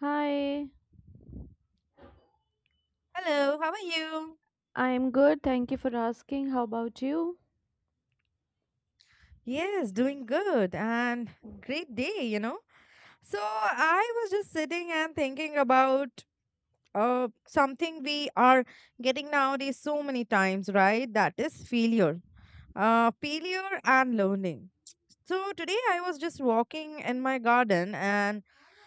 Hi, Hello, how are you? I'm good. Thank you for asking. How about you? Yes, doing good and great day, you know. So I was just sitting and thinking about something we are getting nowadays so many times, right? That is failure. Failure and learning. So today I was just walking in my garden and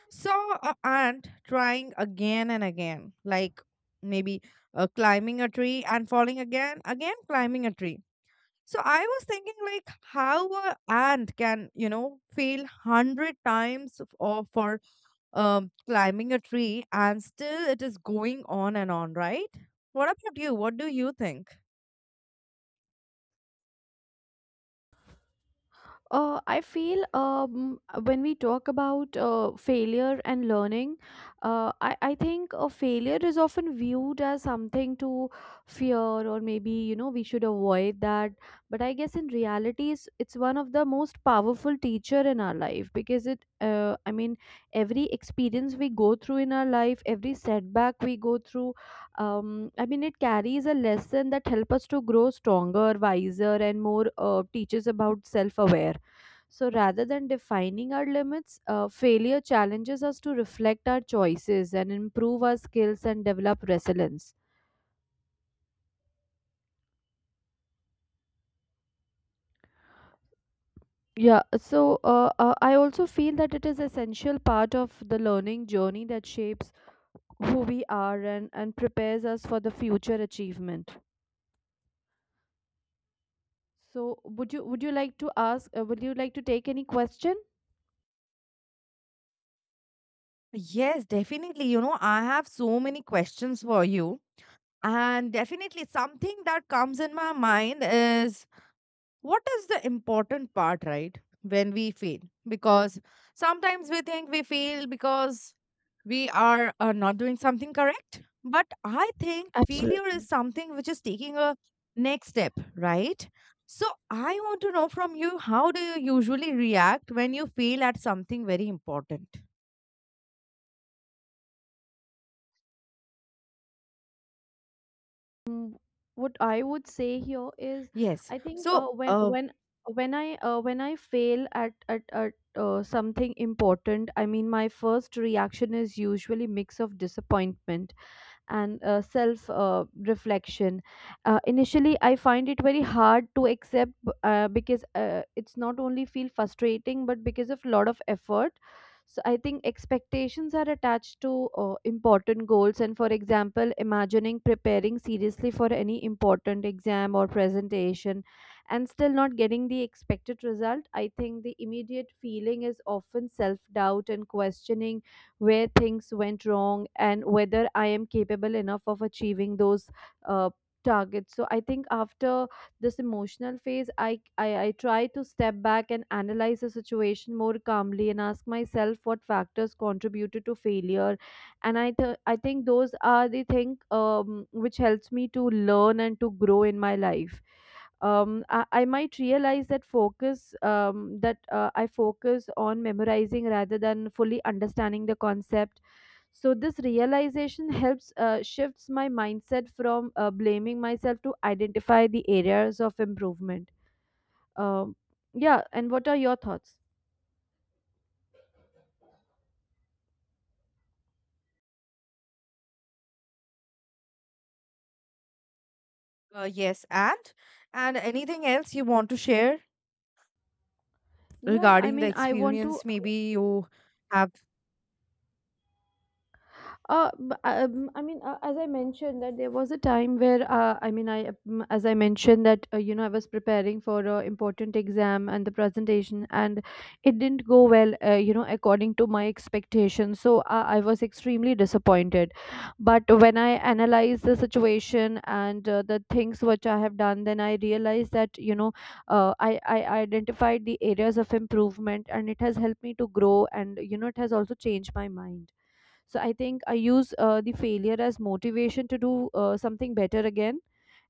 saw a ant trying again and again, like maybe climbing a tree and falling again, again climbing a tree. So I was thinking like how a ant can, you know, fail 100 times f- or for climbing a tree and still it is going on and on, right? What about you? What do you think? I feel when we talk about failure and learning, I think failure is often viewed as something to fear or maybe, you know, we should avoid that. But I guess in reality, it's one of the most powerful teacher in our life because it, every experience we go through in our life, every setback we go through, it carries a lesson that help us to grow stronger, wiser and more teaches about self-aware, so rather than defining our limits, failure challenges us to reflect our choices and improve our skills and develop resilience. Yeah, so I also feel that it is essential part of the learning journey that shapes who we are and prepares us for the future achievement. So would you like to ask would you like to take any question? Yes, definitely. You know, I have so many questions for you. And definitely something that comes in my mind is, what is the important part, right? When we fail, because sometimes we think we fail because we are not doing something correct. But I think failure is Absolutely. something which is taking a next step, right? So I want to know from you, how do you usually react when you fail at something very important? Mm, what I would say here is, Yes. I think uh, when when when I uh, when I fail at something important. I mean my first reaction is usually mix of disappointment and self reflection. Initially I find it very hard to accept, because it's not only feel frustrating but because of lot of effort. So I think expectations are attached to important goals, and for example imagining preparing seriously for any important exam or presentation and still not getting the expected result, I think the immediate feeling is often self doubt and questioning where things went wrong and whether I am capable enough of achieving those uh, targets. So I think after this emotional phase, I try to step back and analyze the situation more calmly and ask myself what factors contributed to failure. And I think those are the thing which helps me to learn and to grow in my life. I might realize that focus that I focus on memorizing rather than fully understanding the concept. So this realization helps shifts my mindset from blaming myself to identify the areas of improvement. Um, yeah, and what are your thoughts? Yes, and anything else you want to share Yeah, I regarding the mean, I want to. experience? Maybe you have. As I mentioned, that there was a time where I mean, I as I mentioned that you know, I was preparing for a important exam and the presentation, and it didn't go well, you know, according to my expectations. So I was extremely disappointed. But when I analyzed the situation and the things which I have done, then I realized that, you know, I identified the areas of improvement, and it has helped me to grow, and you know it has also changed my mind. So I think I use the failure as motivation to do something better again.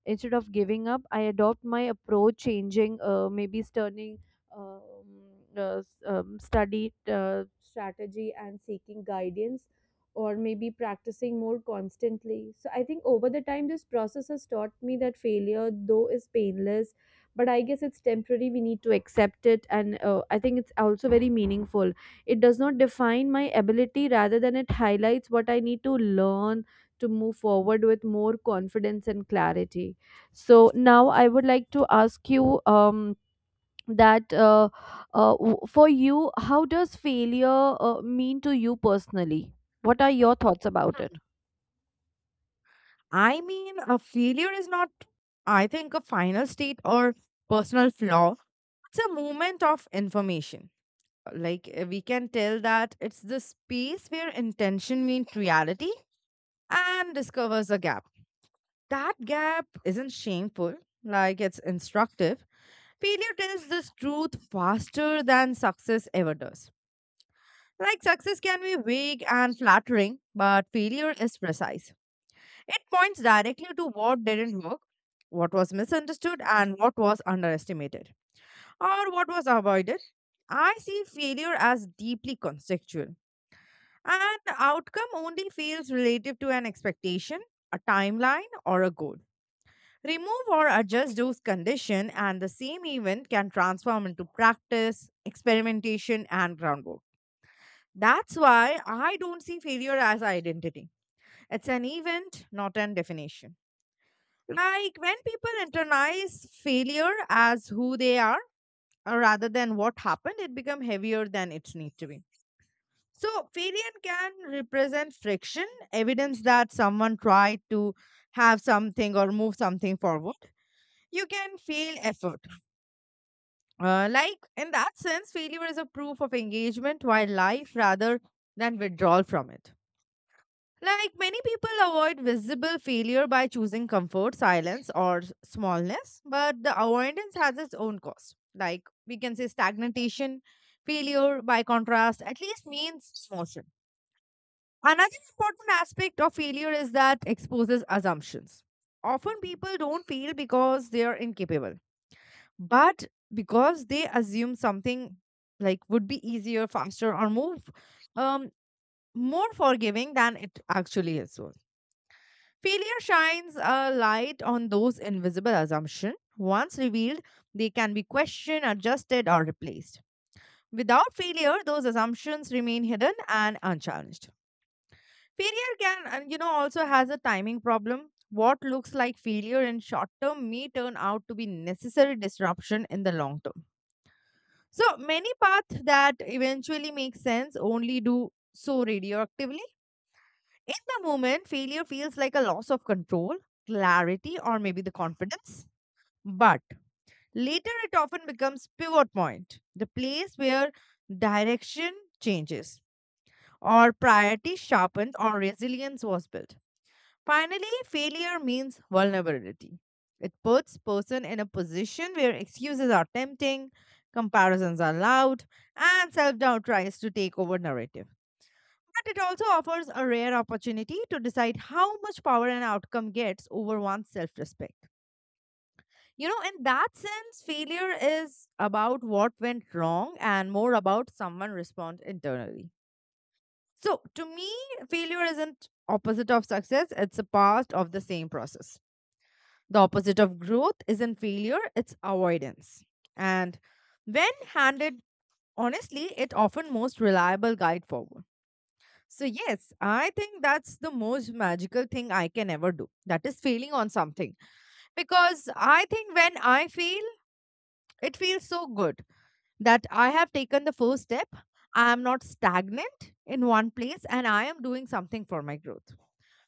Instead of giving up, I adopt my approach, changing maybe turning um, study strategy and seeking guidance, or maybe practicing more constantly. So I think over the time this process has taught me that failure though is painless, but I guess it's temporary. We need to accept it, and I think it's also very meaningful. It does not define my ability, rather than it highlights what I need to learn to move forward with more confidence and clarity. So now I would like to ask you, that uh, for you, how does failure mean to you personally? What are your thoughts about it? I mean, a failure is not, I think, a final state or personal flaw. It's a moment of information, like we can tell that it's the space where intention meets reality and discovers a gap. That gap isn't shameful, like it's instructive. Failure tells this truth faster than success ever does. Like, success can be vague and flattering, but failure is precise. It points directly to what didn't work, what was misunderstood, and what was underestimated, or what was avoided. I see failure as deeply contextual. And outcome only feels relative to an expectation, a timeline, or a goal. Remove or adjust those conditions, and the same event can transform into practice, experimentation, and groundwork. That's why I don't see failure as identity. It's an event, not an definition. Like, when people internalize failure as who they are rather than what happened, it becomes heavier than it needs to be. So, failure can represent friction, evidence that someone tried to have something or move something forward. You can fail effort. Like, in that sense, failure is a proof of engagement while life rather than withdrawal from it. Like, many people avoid visible failure by choosing comfort, silence, or smallness, but the avoidance has its own cost. Like, we can say stagnation, failure, by contrast, at least means motion. Another important aspect of failure is that exposes assumptions. Often people don't fail because they are incapable, but because they assume something like would be easier, faster, or more um, more forgiving than it actually is. So, failure shines a light on those invisible assumptions. Once revealed, they can be questioned, adjusted, or replaced. Without failure, those assumptions remain hidden and unchallenged. Failure can, and you know, also has a timing problem. What looks like failure in short term may turn out to be necessary disruption in the long term. So many paths that eventually make sense only do so radioactively. In the moment, failure feels like a loss of control, clarity, or maybe the confidence. But later it often becomes pivot point, the place where direction changes, or priority sharpened, or resilience was built. Finally, failure means vulnerability. It puts person in a position where excuses are tempting, comparisons are loud, and self-doubt tries to take over narrative. But it also offers a rare opportunity to decide how much power an outcome gets over one's self-respect. You know, in that sense, failure is about what went wrong and more about someone responds internally. So, to me, failure isn't opposite of success, it's a part of the same process. The opposite of growth isn't failure, it's avoidance. And when handed honestly, it often most reliable guide forward. So yes, I think that's the most magical thing I can ever do. That is failing on something. Because I think when I fail, it feels so good that I have taken the first step. I am not stagnant in one place and I am doing something for my growth,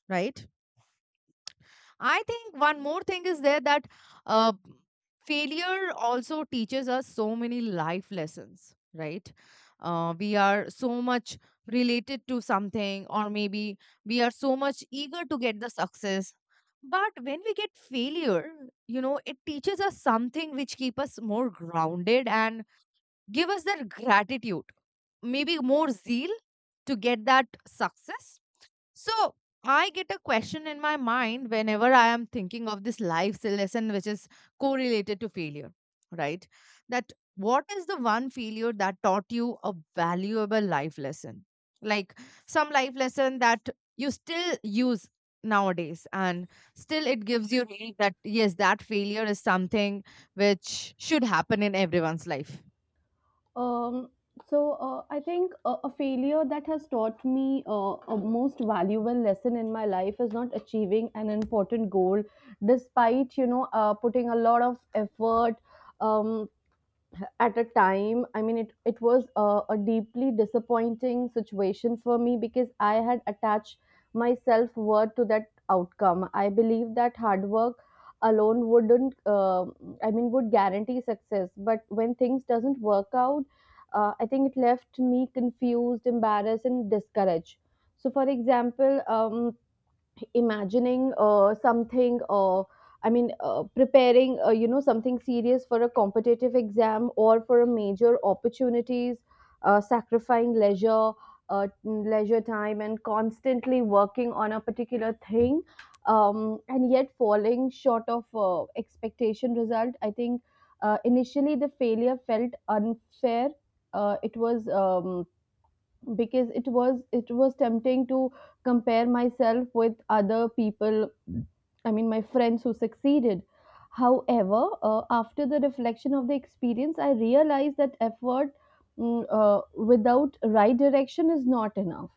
right? I think one more thing is there, that uh, failure also teaches us so many life lessons, right? We are so much related to something, or maybe we are so much eager to get the success. But when we get failure, you know, it teaches us something which keep us more grounded and give us that gratitude, maybe more zeal to get that success. So I get a question in my mind whenever I am thinking of this life lesson which is correlated to failure, right? That, what is the one failure that taught you a valuable life lesson? Like, some life lesson that you still use nowadays and still it gives you relief, that yes, that failure is something which should happen in everyone's life. Um, I think a failure that has taught me a most valuable lesson in my life is not achieving an important goal, despite you know putting a lot of effort. Um, at a time, I mean it was a deeply disappointing situation for me because I had attached my self worth to that outcome. I believe that hard work alone wouldn't, I mean, would guarantee success, but when things doesn't work out, I think it left me confused, embarrassed and discouraged. So for example, imagining something I mean preparing, you know, something serious for a competitive exam or for a major opportunities, sacrificing leisure leisure time and constantly working on a particular thing, and yet falling short of expectation result. I think initially the failure felt unfair. It was Because it was tempting to compare myself with other people, I mean, my friends who succeeded. However, after the reflection of the experience, I realized that effort, without right direction is not enough.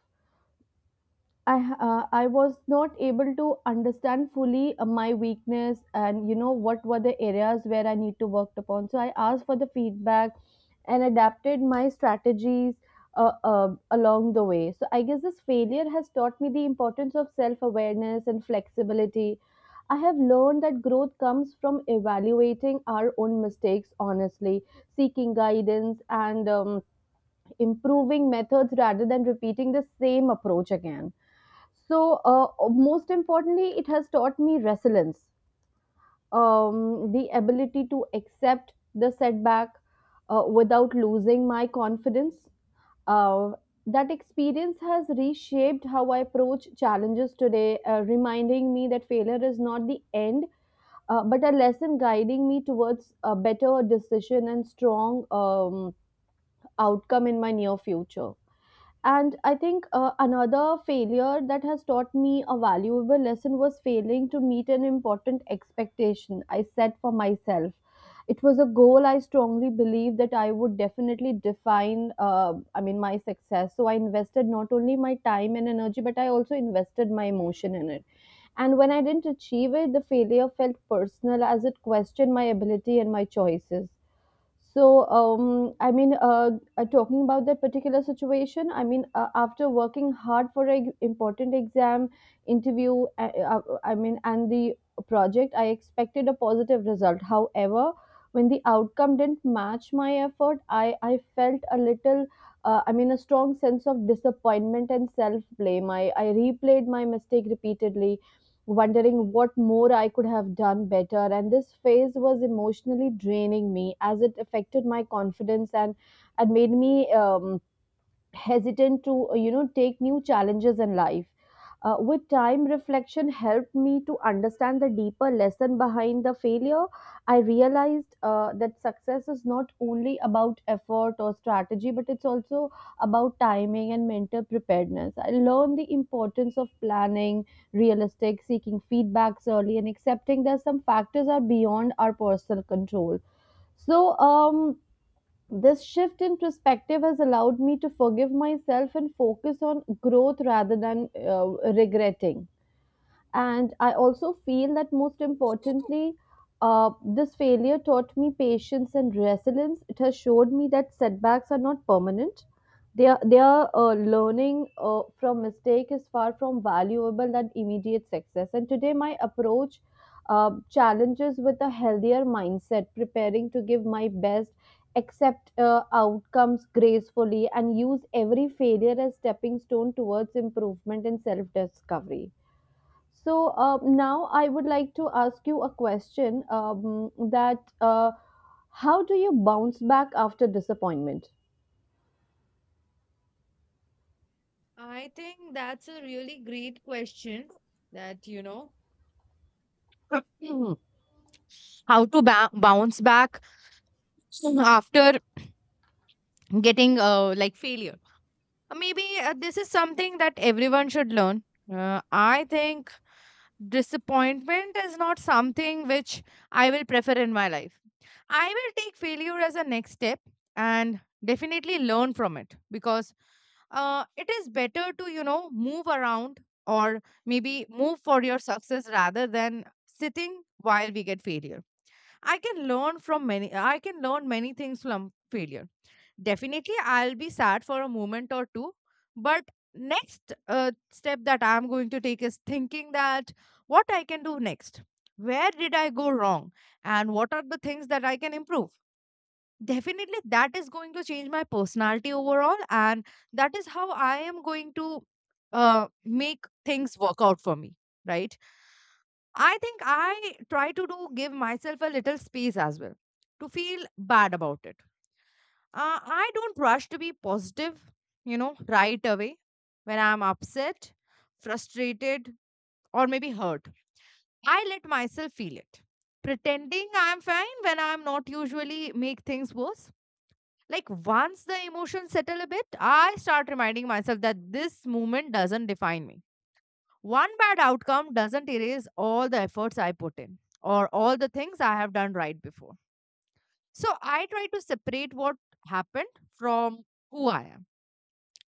I was not able to understand fully my weakness and, you know, what were the areas where I need to work upon. So I asked for the feedback and adapted my strategies along the way. So I guess this failure has taught me the importance of self awareness and flexibility. I have learned that growth comes from evaluating our own mistakes honestly, seeking guidance, and improving methods rather than repeating the same approach again. So, most importantly, it has taught me resilience, the ability to accept the setback without losing my confidence. Uh, that experience has reshaped how I approach challenges today, reminding me that failure is not the end, but a lesson guiding me towards a better decision and strong outcome in my near future. And I think another failure that has taught me a valuable lesson was failing to meet an important expectation I set for myself. It was a goal I strongly believed that I would definitely define, I mean, my success. So I invested not only my time and energy, but I also invested my emotion in it. And when I didn't achieve it, the failure felt personal as it questioned my ability and my choices. So, talking about that particular situation, I mean, after working hard for an important exam, interview, I mean, and the project, I expected a positive result. However, when the outcome didn't match my effort, I felt a little, I mean, a strong sense of disappointment and self blame. I replayed my mistake repeatedly, wondering what more I could have done better. And this phase was emotionally draining me as it affected my confidence and made me hesitant to, you know, take new challenges in life. With time, reflection helped me to understand the deeper lesson behind the failure. I realized that success is not only about effort or strategy, but it's also about timing and mental preparedness. I learned the importance of planning realistic, seeking feedbacks early, and accepting that some factors are beyond our personal control. So, this shift in perspective has allowed me to forgive myself and focus on growth rather than regretting. And I also feel that most importantly, uh, this failure taught me patience and resilience. It has showed me that setbacks are not permanent. They are learning from mistake is far from valuable than immediate success, and today my approach challenges with a healthier mindset, preparing to give my best, accept outcomes gracefully, and use every failure as stepping stone towards improvement and self discovery. So now I would like to ask you a question, that how do you bounce back after disappointment? I think that's a really great question that, you know, how to bounce back after getting like failure. Maybe this is something that everyone should learn I think disappointment is not something which I will prefer in my life. I will take failure as a next step and definitely learn from it, because it is better to, you know, move around or maybe move for your success rather than sitting while we get failure. I can learn many things from failure. Definitely I'll be sad for a moment or two, but next step that I'm going to take is thinking that what I can do next. Where did I go wrong, and what are the things that I can improve? Definitely that is going to change my personality overall, and that is how I am going to make things work out for me, right? I think I try to do give myself a little space as well to feel bad about it. I don't rush to be positive, you know, right away when I'm upset, frustrated, or maybe hurt. I let myself feel it. Pretending I'm fine when I'm not usually make things worse. Like, once the emotions settle a bit, I start reminding myself that this moment doesn't define me. One bad outcome doesn't erase all the efforts I put in or all the things I have done right before. So I try to separate what happened from who I am.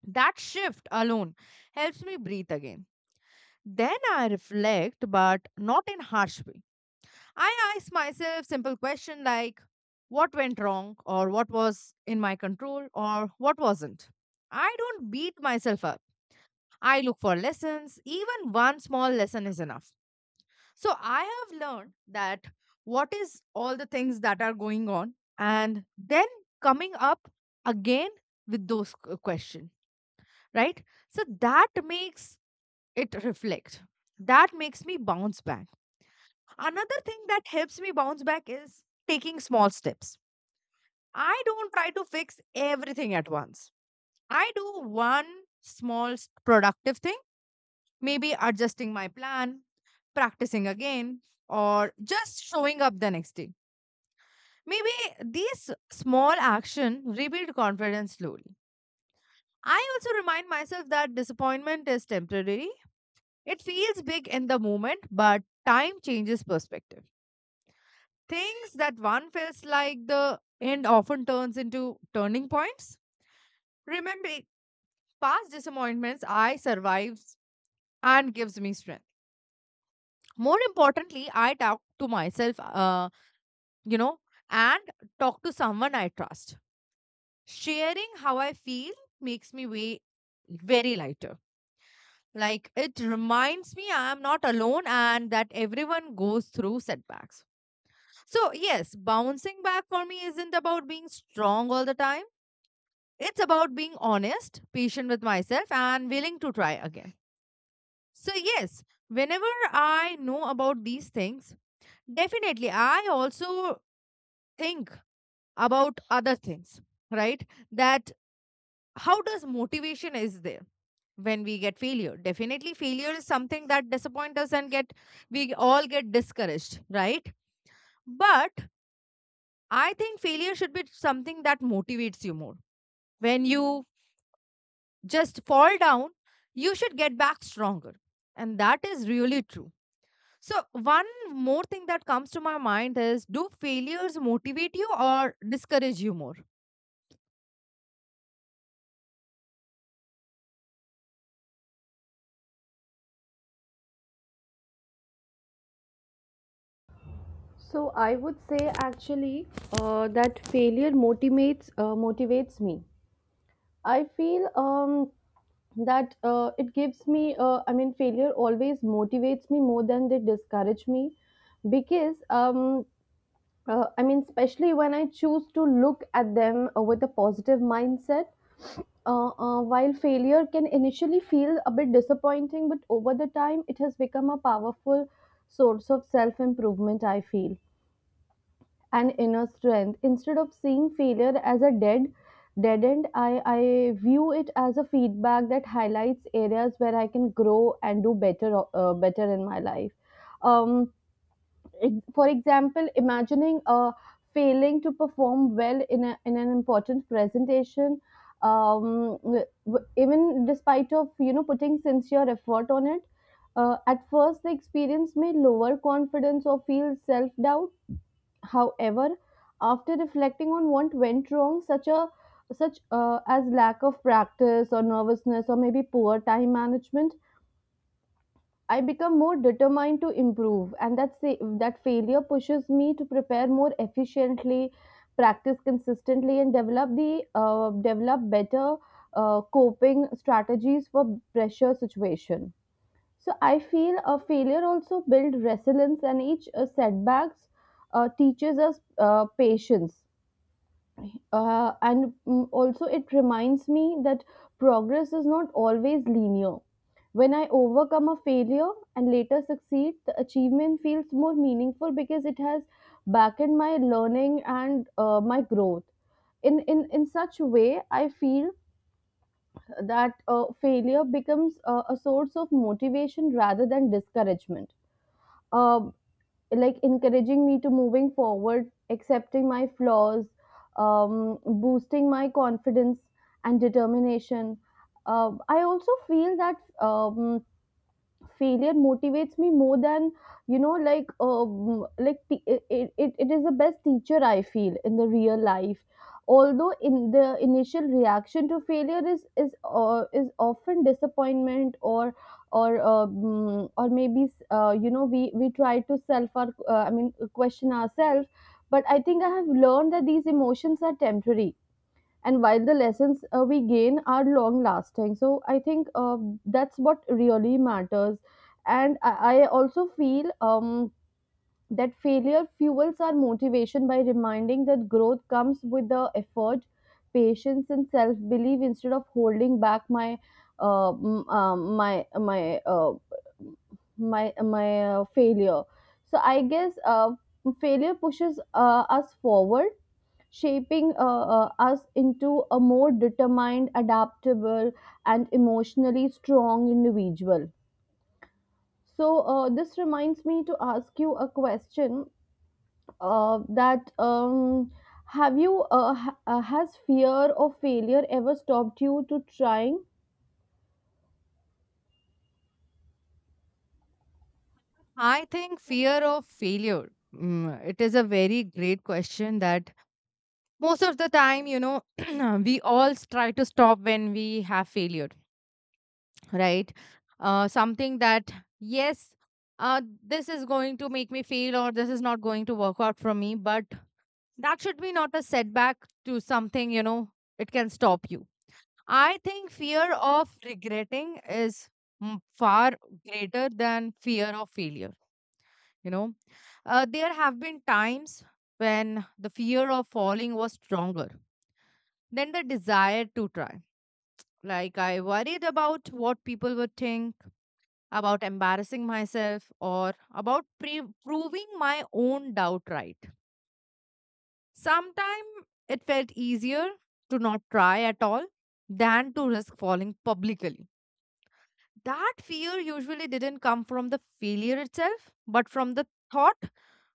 That shift alone helps me breathe again. Then I reflect, but not in harsh way. I ask myself simple question like, what went wrong, or what was in my control, or what wasn't. I don't beat myself up. I look for lessons. Even one small lesson is enough. So I have learned that what is all the things that are going on, and then coming up again with those question, right? So that makes it reflect. That makes me bounce back. Another thing that helps me bounce back is taking small steps. I don't try to fix everything at once. I do one small productive thing, maybe adjusting my plan, practicing again, or just showing up the next day. Maybe these small action rebuild confidence slowly. I also remind myself that disappointment is temporary. It feels big in the moment, but time changes perspective. Things that one feels like the end often turns into turning points. Remembering past disappointments I survives and gives me strength. More importantly, I talk to myself, you know, and talk to someone I trust. Sharing how I feel makes me way very lighter. Like, it reminds me I am not alone and that everyone goes through setbacks. So, yes, bouncing back for me isn't about being strong all the time. It's about being honest, patient with myself, and willing to try again. So, yes, whenever I know about these things, definitely I also think about other things, right? That, how does motivation is there? When we get failure, definitely failure is something that disappoints us and get, we all get discouraged, right? But I think failure should be something that motivates you more. When you just fall down, you should get back stronger, and that is really true. So one more thing that comes to my mind is, do failures motivate you or discourage you more? So I would say actually that failure motivates motivates me. I feel that it gives me, I mean, failure always motivates me more than they discourage me, because I mean, especially when I choose to look at them with a positive mindset. While failure can initially feel a bit disappointing, but over the time, it has become a powerful source of self improvement, I feel, and inner strength. Instead of seeing failure as a dead end, I view it as a feedback that highlights areas where I can grow and do better, better in my life. Um, for example, imagining failing to perform well in in an important presentation, even despite of, you know, putting sincere effort on it, at first the experience may lower confidence or feel self-doubt. However, after reflecting on what went wrong, such as lack of practice or nervousness or maybe poor time management, I become more determined to improve, and that failure pushes me to prepare more efficiently, practice consistently, and develop the develop better coping strategies for pressure situation. So I feel a failure also builds resilience, and each setbacks teaches us patience also, it reminds me that progress is not always linear. When I overcome a failure and later succeed, the achievement feels more meaningful because it has backed my learning and my growth. In such a way, I feel that failure becomes a source of motivation rather than discouragement. Um like encouraging me to moving forward, accepting my flaws, boosting my confidence and determination. I also feel that um, failure motivates me more than it is the best teacher I feel in the real life, although in the initial reaction to failure is often disappointment or or maybe we try to self our question ourselves, but I think I have learned that these emotions are temporary, and while the lessons we gain are long lasting. So I think that's what really matters, and i, I also feel that failure fuels our motivation by reminding that growth comes with the effort, patience and self belief, instead of holding back my uh, m- um, my my uh, failure. So I guess failure pushes us forward, shaping us into a more determined, adaptable, and emotionally strong individual. So, this reminds me to ask you a question that have you, has fear of failure ever stopped you to trying? I think fear of failure, it is a very great question that most of the time, you know, we all try to stop when we have failure, right? Something that, yes, this is going to make me fail, or this is not going to work out for me, but that should be not a setback to something, you know, it can stop you. I think fear of regretting is, far greater than fear of failure, you know. There have been times when the fear of falling was stronger then the desire to try. Like, I worried about what people would think, about embarrassing myself, or about proving my own doubt right. Sometimes it felt easier to not try at all than to risk falling publicly. That fear usually didn't come from the failure itself, but from the thought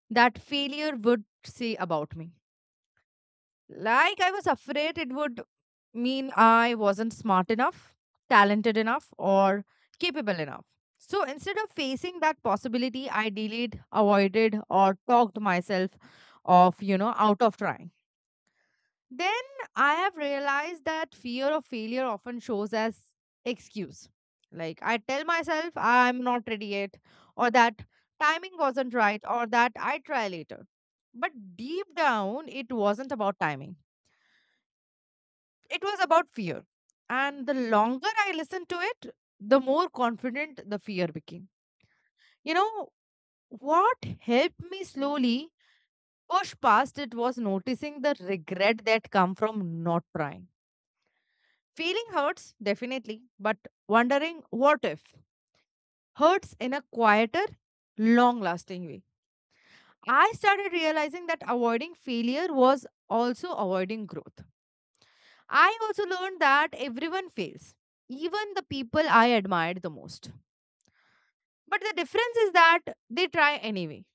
that failure would say about me. Like, I was afraid it would mean I wasn't smart enough, talented enough, or capable enough. So instead of facing that possibility, I delayed, avoided, or talked myself off, you know, out of trying. Then I have realized that fear of failure often shows as excuse. Like, I tell myself I'm not ready yet, or that timing wasn't right, or that I try later. But deep down, it wasn't about timing, it was about fear. And the longer I listened to it, the more confident the fear became. You know, what helped me slowly push past it was noticing the regret that come from not trying. Feeling hurts, definitely, but wondering what if hurts in a quieter, long lasting way. I started realizing that avoiding failure was also avoiding growth. I also learned that everyone fails, even the people I admired the most. But the difference is that they try anyway.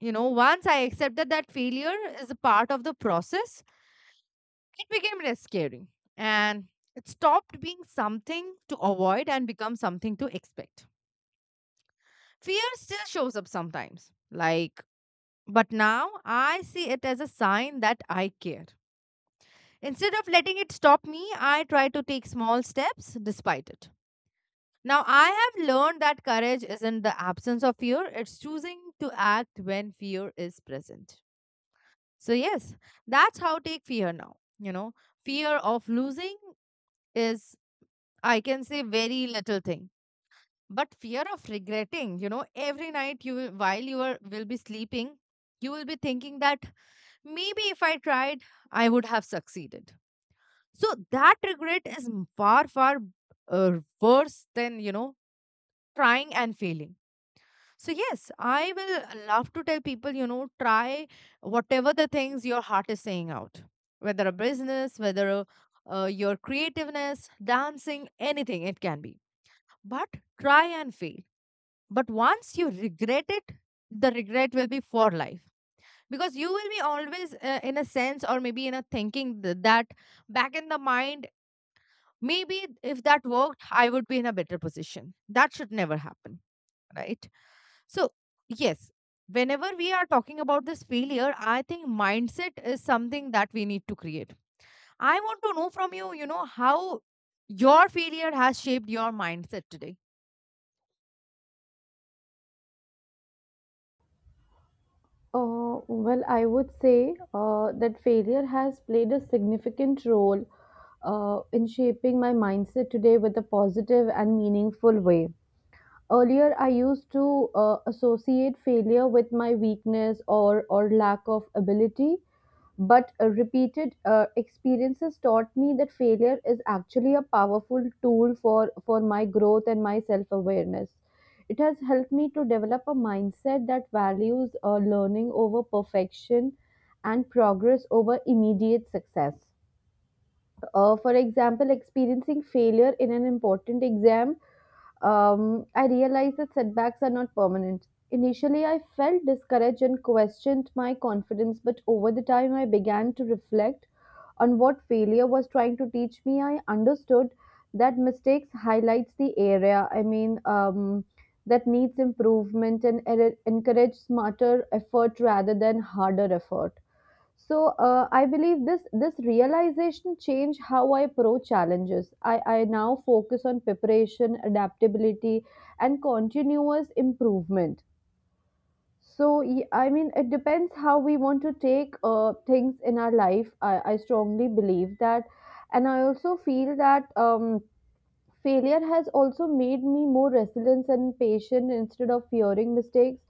You know, once I accepted that failure is a part of the process, it became less scary. And it stopped being something to avoid and become something to expect. Fear still shows up sometimes, like, but now I see it as a sign that I care. Instead of letting it stop me, I try to take small steps despite it. Now, I have learned that courage isn't the absence of fear, it's choosing to act when fear is present. So, yes, that's how take fear now. You know, fear of losing is, I can say, very little thing. But fear of regretting, you know, every night you will, while you are, will be sleeping, you will be thinking that maybe if I tried, I would have succeeded. So that regret is far, far worse than, you know, trying and failing. So, yes, I will love to tell people, you know, try whatever the things your heart is saying out, whether a business, whether a, your creativeness, dancing, anything it can be. But try and fail. But once you regret it, the regret will be for life, because you will be always in a sense, or maybe in a thinking that back in the mind, maybe if that worked, I would be in a better position. That should never happen, right? So, yes, whenever we are talking about this failure, I think mindset is something that we need to create. I want to know from you, you know, how your failure has shaped your mindset today. Well, I would say that failure has played a significant role in shaping my mindset today with a positive and meaningful way. Earlier I used to associate failure with my weakness or lack of ability, but repeated experiences taught me that failure is actually a powerful tool for my growth and my self awareness. It has helped me to develop a mindset that values learning over perfection and progress over immediate success. For example, experiencing failure in an important exam, I realized that setbacks are not permanent. Initially, I felt discouraged and questioned my confidence, but over the time, I began to reflect on what failure was trying to teach me. I understood that mistakes highlights the area. That needs improvement and encourage smarter effort rather than harder effort. So I believe this realization changed how I approach challenges. I now focus on preparation, adaptability, and continuous improvement. So it depends how we want to take things in our life. I strongly believe that, and I also feel that. Failure has also made me more resilient and patient instead of fearing mistakes.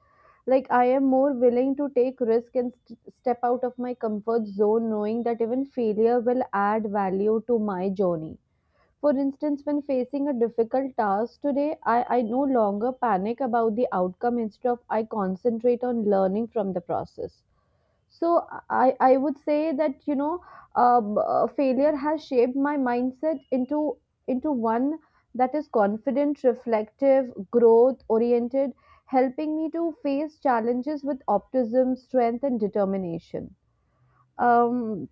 Like, I am more willing to take risk and step out of my comfort zone, knowing that even failure will add value to my journey. For instance, when facing a difficult task today, I no longer panic about the outcome. Instead of I concentrate on learning from the process. So I would say that failure has shaped my mindset into one that is confident, reflective, growth oriented, helping me to face challenges with optimism, strength, and determination. Um,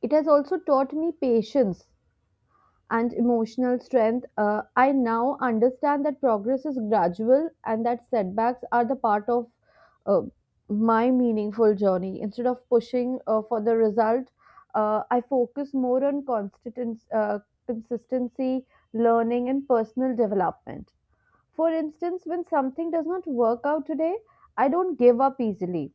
it has also taught me patience and emotional strength. Uh, I now understand that progress is gradual and that setbacks are the part of uh, my meaningful journey. Instead of pushing for the result, I focus more on consistency, learning, and personal development. For instance, when something does not work out today, I don't give up easily.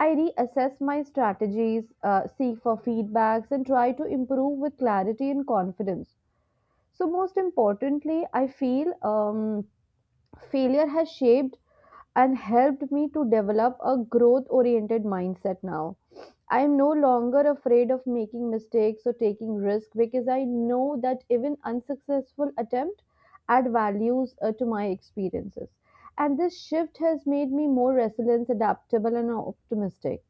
I reassess my strategies, seek for feedbacks, and try to improve with clarity and confidence. So, most importantly, I feel failure has shaped and helped me to develop a growth oriented mindset now. I am no longer afraid of making mistakes or taking risk because I know that even unsuccessful attempt add values to my experiences. And this shift has made me more resilient, adaptable, and optimistic.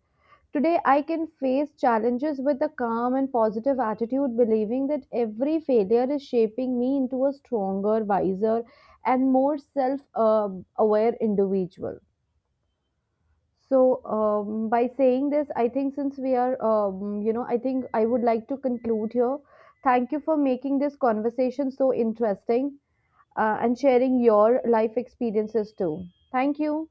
Today, I can face challenges with a calm and positive attitude, believing that every failure is shaping me into a stronger, wiser, and more self aware individual. So, by saying this, I think since we are, I think I would like to conclude here. Thank you for making this conversation so interesting and sharing your life experiences too. Thank you.